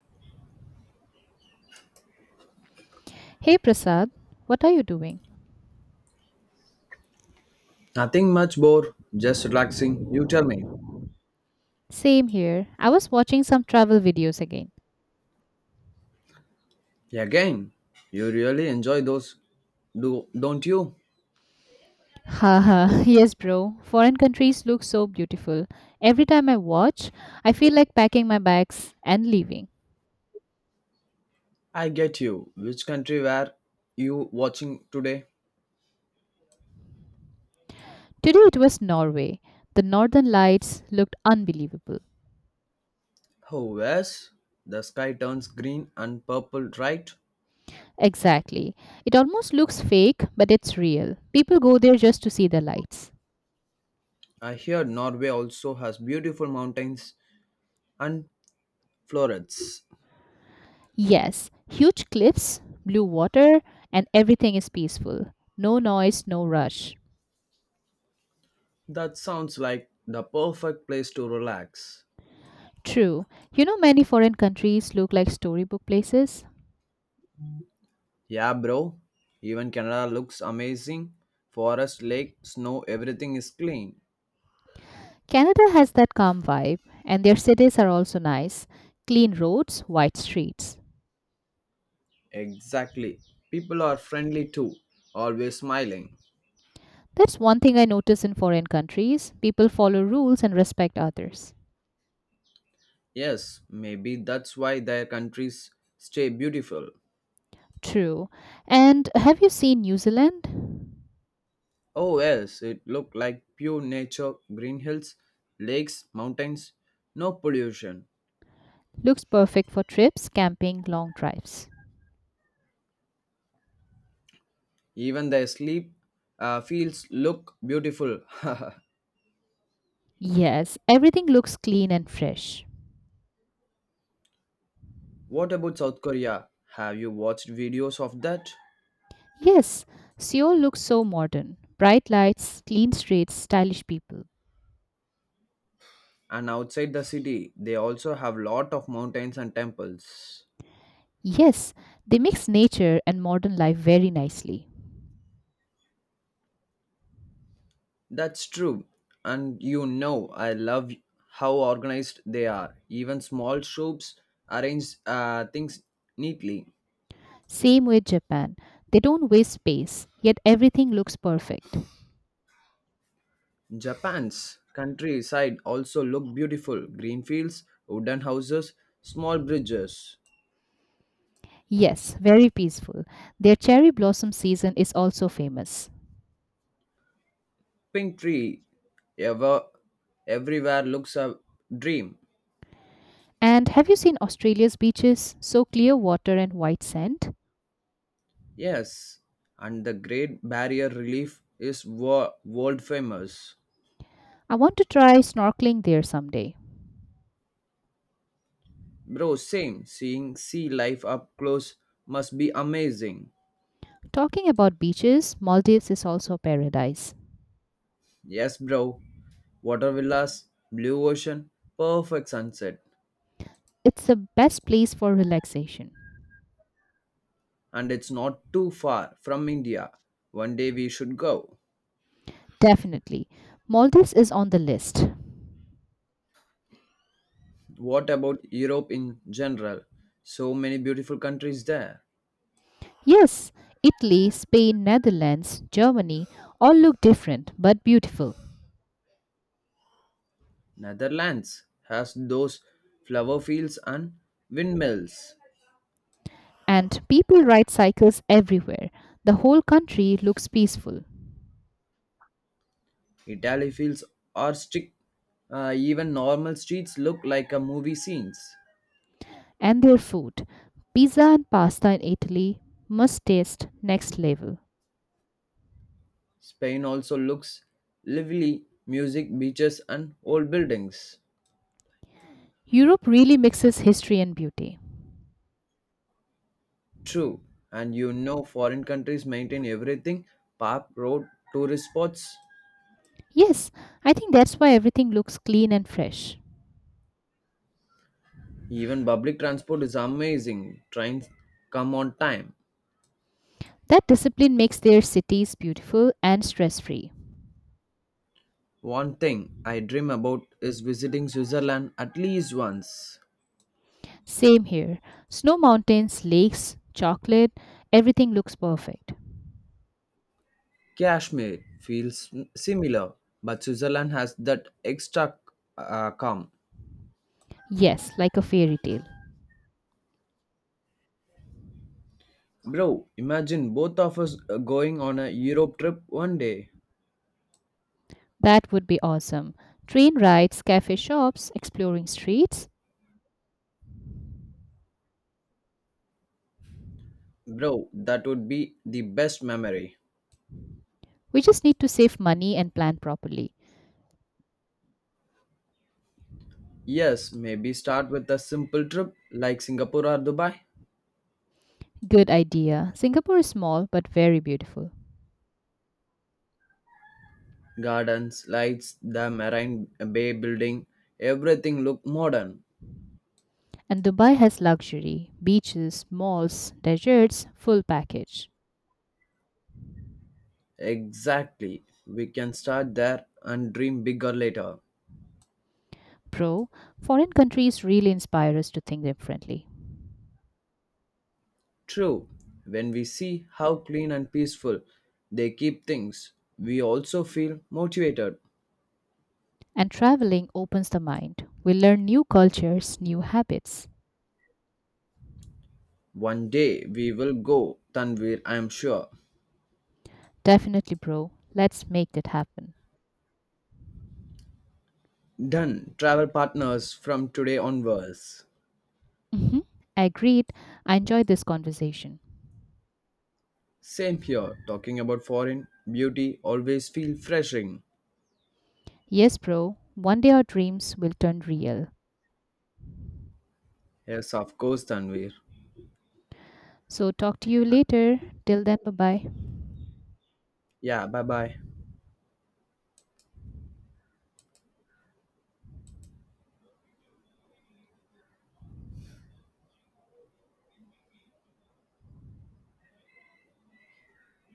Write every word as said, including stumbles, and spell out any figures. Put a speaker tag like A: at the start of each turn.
A: Hey Prasad, what are you doing?
B: Nothing much bore, just relaxing. You tell me.
A: Same here. I was watching some travel videos again.
B: Yeah, again, you really enjoy those, do don't you?
A: Haha, yes, bro. Foreign countries look so beautiful. Every time I watch, I feel like packing my bags and leaving.
B: I get you. Which country were you watching today?
A: Today it was Norway. The northern lights looked unbelievable.
B: Oh, yes. The sky turns green and purple, right?
A: Exactly. It almost looks fake, but it's real. People go there just to see the lights.
B: I hear Norway also has beautiful mountains and florets.
A: Yes, huge cliffs, blue water, and everything is peaceful. No noise, no rush.
B: That sounds like the perfect place to relax.
A: True. You know, many foreign countries look like storybook places.
B: Yeah, bro. Even Canada looks amazing. Forest, lake, snow, everything is clean.
A: Canada has that calm vibe, and their cities are also nice, clean roads, wide streets.
B: Exactly. People are friendly too, always smiling.
A: That's one thing I notice in foreign countries, people follow rules and respect others.
B: Yes, maybe that's why their countries stay beautiful.
A: True. And have you seen New Zealand?
B: Oh, yes, it looked like pure nature green hills, lakes, mountains, no pollution.
A: Looks perfect for trips, camping, long drives.
B: Even their sleep uh, fields look beautiful.
A: Yes, everything looks clean and fresh.
B: What about South Korea? Have you watched videos of that?
A: Yes, Seoul looks so modern, bright lights, clean streets, stylish people.
B: And outside the city, they also have lot of mountains and temples.
A: Yes, they mix nature and modern life very nicely.
B: That's true. And you know, I love how organized they are. Even small shops arrange uh, things neatly.
A: Same with Japan. They don't waste space, yet everything looks perfect.
B: Japan's countryside also look beautiful. Green fields, wooden houses, small bridges,
A: Yes, very peaceful. Their cherry blossom season is also famous.
B: pink tree. Ever, everywhere looks a dream.
A: And have you seen Australia's beaches? So clear water and white sand.
B: Yes, and the Great Barrier Reef is wo- world famous.
A: I want to try snorkeling there someday.
B: Bro, same. Seeing sea life up close must be amazing.
A: Talking about beaches, Maldives is also a paradise.
B: Yes, bro. Water villas, blue ocean, perfect sunset.
A: It's the best place for relaxation.
B: And it's not too far from India. One day we should go.
A: Definitely. Maldives is on the list.
B: What about Europe in general? So many beautiful countries there.
A: Yes, Italy, Spain, Netherlands, Germany all look different but beautiful.
B: Netherlands has those flower fields and windmills.
A: And people ride cycles everywhere. The whole country looks peaceful.
B: Italy fields are strict. Uh, even normal streets look like a movie scenes.
A: And their food, pizza and pasta in Italy, must taste next level.
B: Spain also looks lively, music, beaches, and old buildings.
A: Europe really mixes history and beauty.
B: True. And you know, foreign countries maintain everything park, road, tourist spots,
A: Yes, I think that's why everything looks clean and fresh.
B: even public transport is amazing. Trains come on time.
A: That discipline makes their cities beautiful and stress free.
B: One thing I dream about is visiting Switzerland at least once.
A: Same here. Snow mountains, lakes, chocolate, everything looks perfect.
B: Kashmir feels similar, but Switzerland has that extra uh, calm.
A: Yes, like a fairy tale.
B: Bro, imagine both of us uh, going on a Europe trip one day.
A: That would be awesome. Train rides, cafe shops, exploring streets.
B: Bro, that would be the best memory.
A: We just need to save money and plan properly.
B: Yes, maybe start with a simple trip like Singapore or Dubai.
A: Good idea. Singapore is small but very beautiful.
B: Gardens, lights, the Marine Bay building, everything look modern.
A: And Dubai has luxury, beaches, malls, deserts, full package.
B: Exactly. We can start there and dream bigger later.
A: Bro, foreign countries really inspire us to think differently.
B: True. When we see how clean and peaceful they keep things, we also feel motivated.
A: And traveling opens the mind. We learn new cultures, new habits.
B: One day we will go, Tanvir, I am sure.
A: Definitely, bro. Let's make that happen.
B: Done. Travel partners from today onwards.
A: Mhm. Agreed. I enjoyed this conversation.
B: Same here, talking about foreign beauty always feel refreshing.
A: Yes, bro. One day our dreams will turn real.
B: Yes, of course, Tanvir.
A: So, talk to you later. Till then, bye bye.
B: Yeah, bye bye.